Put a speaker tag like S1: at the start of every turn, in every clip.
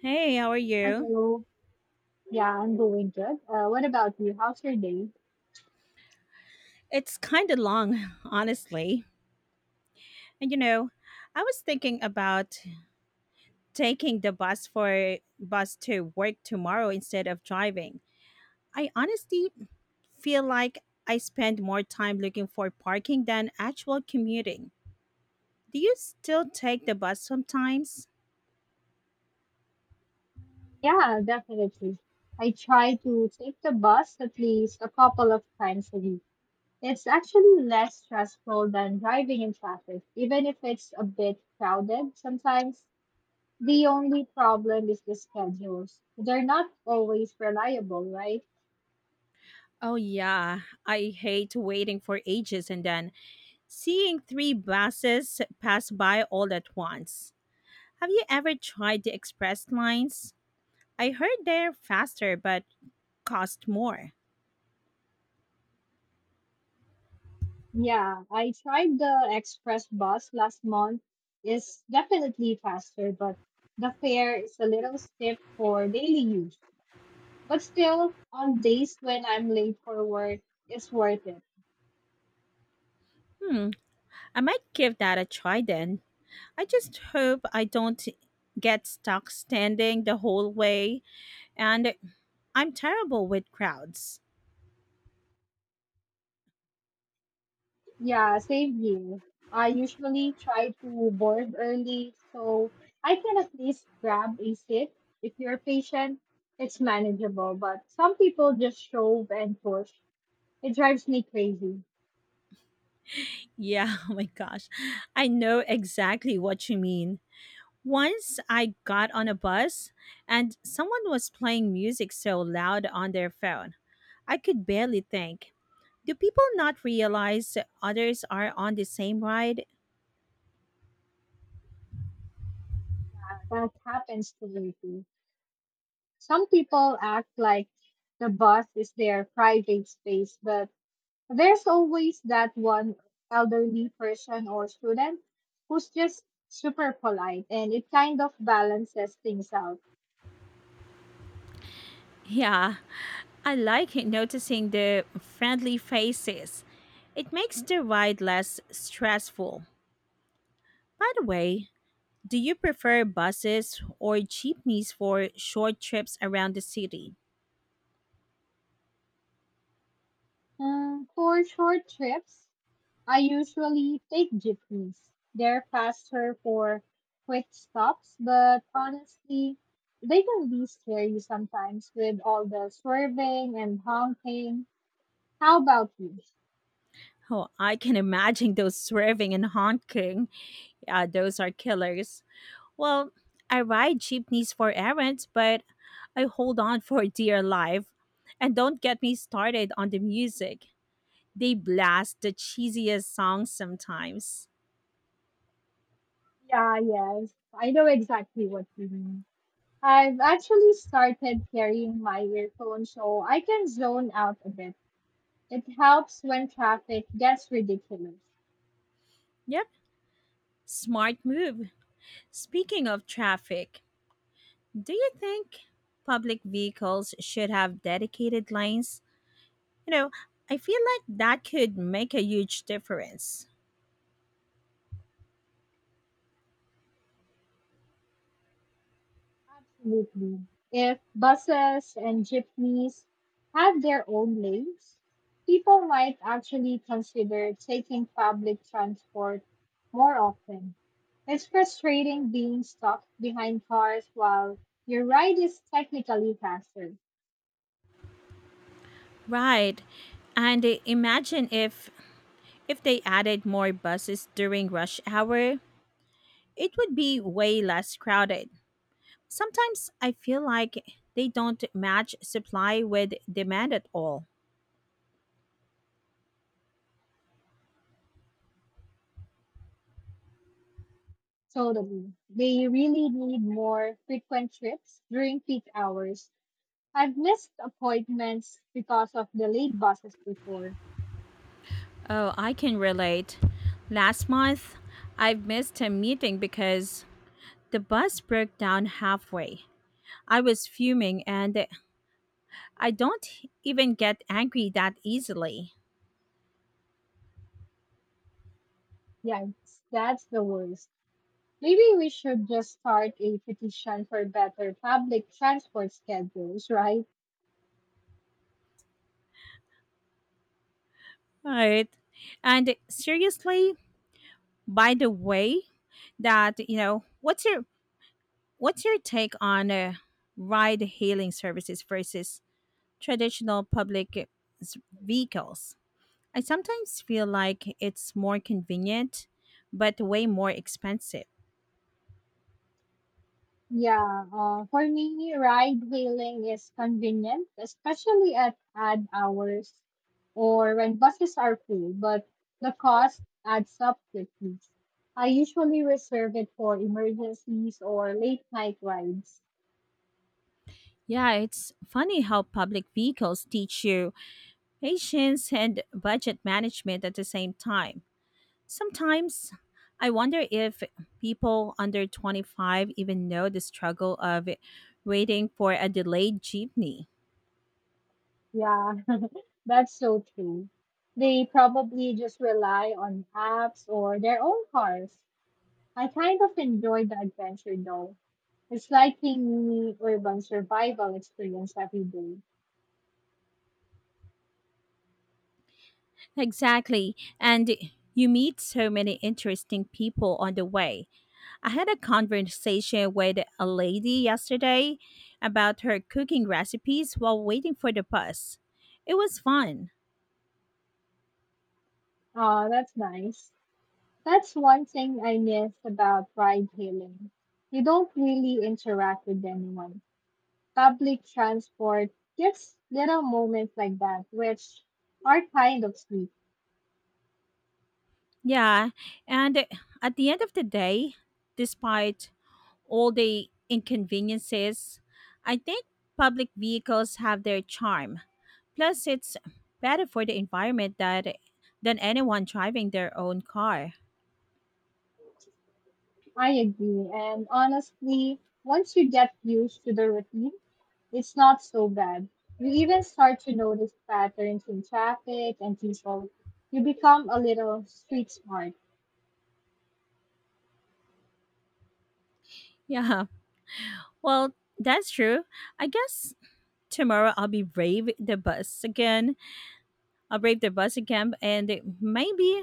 S1: Hey, how are you?
S2: Hello. Yeah, I'm doing good. What about you? How's your day?
S1: It's kind of long, honestly. And you know, I was thinking about taking the bus for bus to work tomorrow instead of driving. I honestly feel like I spend more time looking for parking than actual commuting. Do you still take the bus sometimes?
S2: Yeah, definitely. I try to take the bus at least a couple of times a week. It's actually less stressful than driving in traffic, even if it's a bit crowded sometimes. The only problem is the schedules. They're not always reliable, right?
S1: Oh yeah, I hate waiting for ages and then seeing three buses pass by all at once. Have you ever tried the express lines? I heard they're faster but cost more.
S2: Yeah, I tried the express bus last month. It's definitely faster, but the fare is a little stiff for daily use. But still, on days when I'm late for work, it's worth it.
S1: Hmm, I might give that a try then. I just hope I don't get stuck standing the whole way, and I'm terrible with crowds.
S2: Yeah, same here. I usually try to board early, so I can at least grab a seat. If you're patient, it's manageable, but some people just shove and push. It drives me crazy.
S1: Yeah, oh my gosh. I know exactly what you mean. Once I got on a bus and someone was playing music so loud on their phone, I could barely think. Do people not realize others are on the same ride?
S2: That happens to me too. Some people act like the bus is their private space, but there's always that one elderly person or student who's just super polite, and it kind of balances things out.
S1: Yeah, I like it noticing the friendly faces. It makes the ride less stressful. By the way, do you prefer buses or jeepneys for short trips around the city?
S2: Mm, for short trips, I usually take jeepneys. They're faster for quick stops, but honestly, they can be scary sometimes with all the swerving and honking. How about you?
S1: Oh, I can imagine those swerving and honking. Yeah, those are killers. Well, I ride jeepneys for errands, but I hold on for dear life. And don't get me started on the music. They blast the cheesiest songs sometimes.
S2: Yeah, yes. I know exactly what you mean. I've actually started carrying my earphones so I can zone out a bit. It helps when traffic gets ridiculous.
S1: Yep, smart move. Speaking of traffic, do you think public vehicles should have dedicated lanes? You know, I feel like that could make a huge difference.
S2: Absolutely. If buses and jeepneys have their own lanes, people might actually consider taking public transport more often. It's frustrating being stuck behind cars while your ride is technically faster.
S1: Right. And imagine if they added more buses during rush hour, it would be way less crowded. Sometimes I feel like they don't match supply with demand at all.
S2: Totally. They really need more frequent trips during peak hours. I've missed appointments because of delayed buses before.
S1: Oh, I can relate. Last month, I missed a meeting because the bus broke down halfway. I was fuming and I don't even get angry that easily.
S2: Yeah, that's the worst. Maybe we should just start a petition for better public transport schedules, right?
S1: Right. And seriously, by the way, that, you know, what's your what's your take on ride hailing services versus traditional public vehicles. I sometimes feel like it's more convenient, but way more expensive.
S2: Yeah, for me, ride hailing is convenient, especially at odd hours or when buses are full, but the cost adds up quickly. I usually reserve it for emergencies or late night rides.
S1: Yeah, it's funny how public vehicles teach you patience and budget management at the same time. Sometimes I wonder if people under 25 even know the struggle of waiting for a delayed jeepney.
S2: Yeah, that's so true. They probably just rely on apps or their own cars. I kind of enjoy the adventure though. It's like a mini urban survival experience every day.
S1: Exactly. And you meet so many interesting people on the way. I had a conversation with a lady yesterday about her cooking recipes while waiting for the bus. It was fun.
S2: Oh, that's nice. That's one thing I miss about ride hailing. You don't really interact with anyone. Public transport gives little moments like that, which are kind of sweet.
S1: Yeah. And at the end of the day, despite all the inconveniences, I think public vehicles have their charm. Plus, it's better for the environment that, than anyone driving their own car.
S2: I agree. And honestly, once you get used to the routine, it's not so bad. You even start to notice patterns in traffic and people. You become a little street smart.
S1: Yeah. Well, that's true. I guess tomorrow I'll brave the busy camp and maybe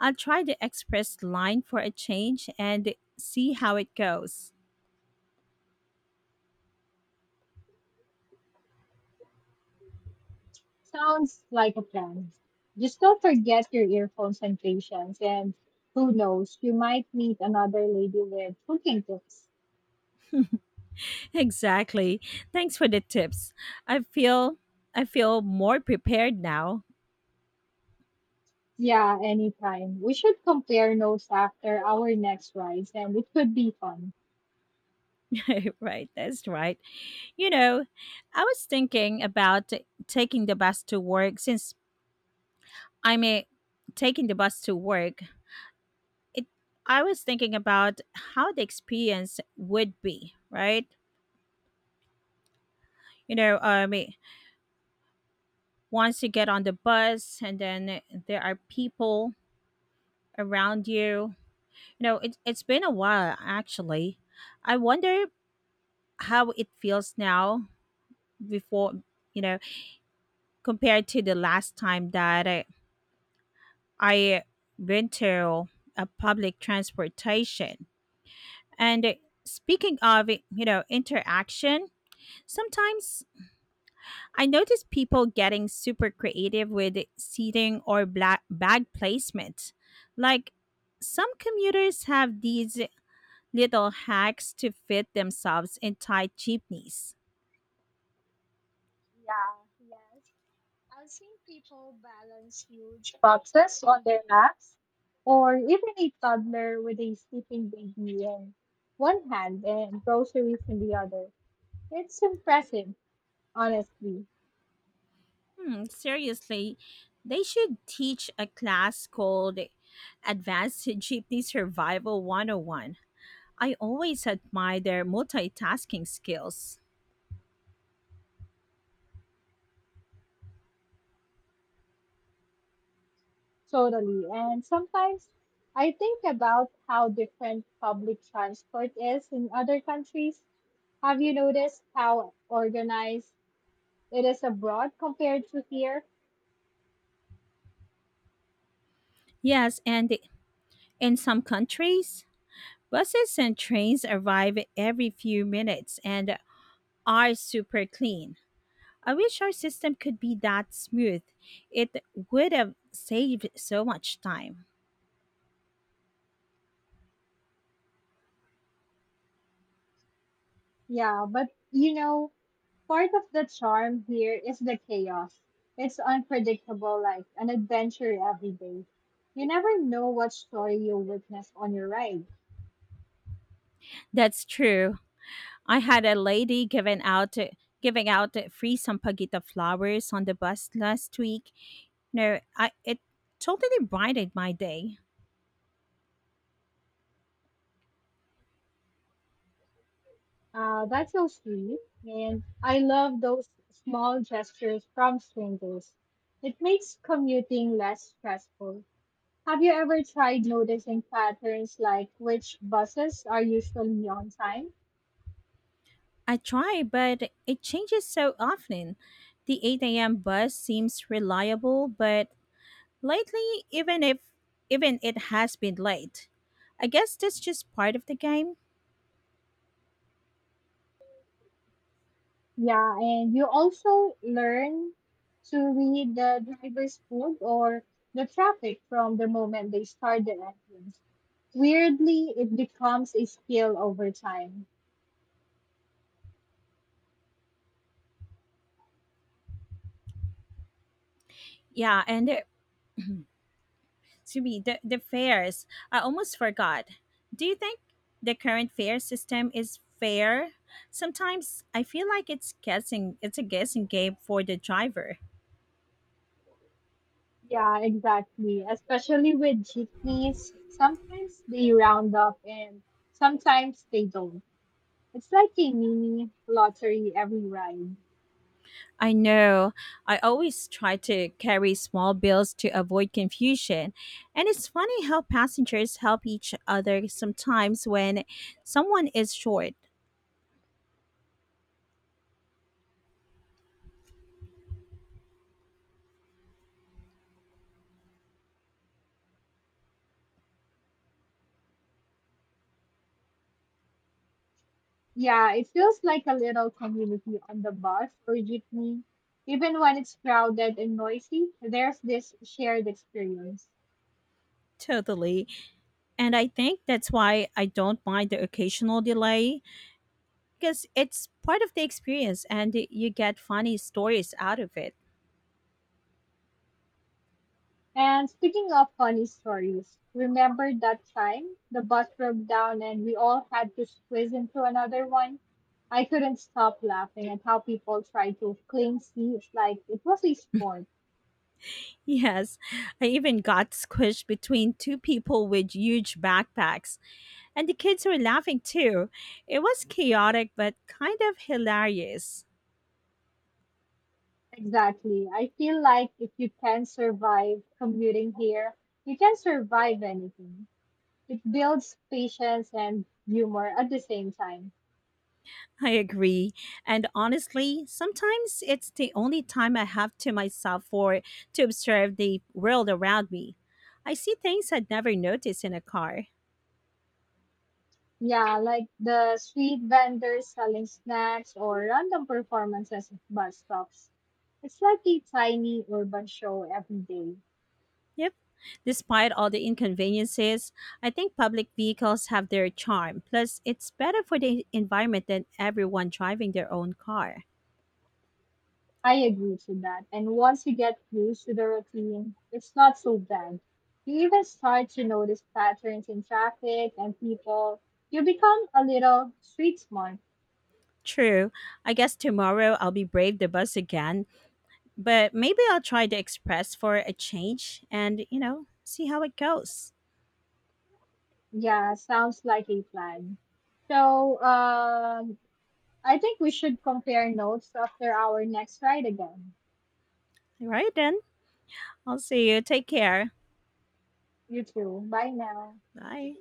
S1: I'll try the express line for a change and see how it goes.
S2: Sounds like a plan. Just don't forget your earphones and patience, and who knows, you might meet another lady with cooking tips.
S1: Exactly. Thanks for the tips. I feel I feel more prepared now.
S2: Yeah, anytime. We should compare notes after our next rides, and it could be fun.
S1: Right, that's right. You know, I was thinking about taking the bus to work since I'm a, taking the bus to work. It I was thinking about how the experience would be, right? you know um it- Once you get on the bus and then there are people around you, you know, it's been a while actually. I wonder how it feels now before, you know, compared to the last time I went to a public transportation. And Speaking of, you know, interaction, sometimes I noticed people getting super creative with seating or bag placement. Like some commuters have these little hacks to fit themselves in tight jeepneys.
S2: Yeah, yes. I've seen people balance huge boxes on their laps. Or even a toddler with a sleeping baby in one hand and groceries in the other. It's impressive, honestly.
S1: Hmm, seriously, they should teach a class called Advanced Jeepney Survival 101. I always admire their multitasking skills.
S2: Totally. And sometimes I think about how different public transport is in other countries. Have you noticed how organized it is abroad compared to here?
S1: Yes, and in some countries, buses and trains arrive every few minutes and are super clean. I wish our system could be that smooth. It would have saved so much time.
S2: Yeah, but you know, part of the charm here is the chaos. It's unpredictable, like an adventure every day. You never know what story you'll witness on your ride.
S1: That's true. I had a lady giving out free sampaguita flowers on the bus last week. No, I it totally brightened my day.
S2: That's so sweet. And I love those small gestures from strangers. It makes commuting less stressful. Have you ever tried noticing patterns like which buses are usually on time?
S1: I try, but it changes so often. The 8 a.m. bus seems reliable, but lately, even if even it has been late. I guess that's just part of the game.
S2: Yeah, and you also learn to read the driver's food or the traffic from the moment they start the engines. Weirdly, it becomes a skill over time.
S1: Yeah, and to me, the fares. I almost forgot. Do you think the current fare system is fair? Sometimes I feel like it's a guessing game for the driver.
S2: Yeah, exactly. Especially with jeepneys, sometimes they round up and sometimes they don't. It's like a mini lottery every ride.
S1: I know. I always try to carry small bills to avoid confusion. And it's funny how passengers help each other sometimes when someone is short.
S2: Yeah, it feels like a little community on the bus or jeepney. Even when it's crowded and noisy, there's this shared experience.
S1: Totally. And I think that's why I don't mind the occasional delay because it's part of the experience and you get funny stories out of it.
S2: And speaking of funny stories, remember that time the bus broke down and we all had to squeeze into another one? I couldn't stop laughing at how people tried to claim seats like it was a sport.
S1: Yes, I even got squished between two people with huge backpacks, and the kids were laughing too. It was chaotic but kind of hilarious.
S2: Exactly. I feel like if you can survive commuting here, you can survive anything. It builds patience and humor at the same time.
S1: I agree. And honestly, sometimes it's the only time I have to myself for to observe the world around me. I see things I'd never notice in a car.
S2: Yeah, like the street vendors selling snacks or random performances at bus stops. It's like a tiny urban show every day.
S1: Yep. Despite all the inconveniences, I think public vehicles have their charm. Plus, it's better for the environment than everyone driving their own car.
S2: I agree to that. And once you get used to the routine, it's not so bad. You even start to notice patterns in traffic and people. You become a little street smart.
S1: True. I guess tomorrow I'll be brave the bus again, but maybe I'll try the express for a change and, you know, see how it goes.
S2: Yeah, sounds like a plan. So, I think we should compare notes after our next ride again.
S1: All right then. I'll see you. Take care.
S2: You too. Bye now.
S1: Bye.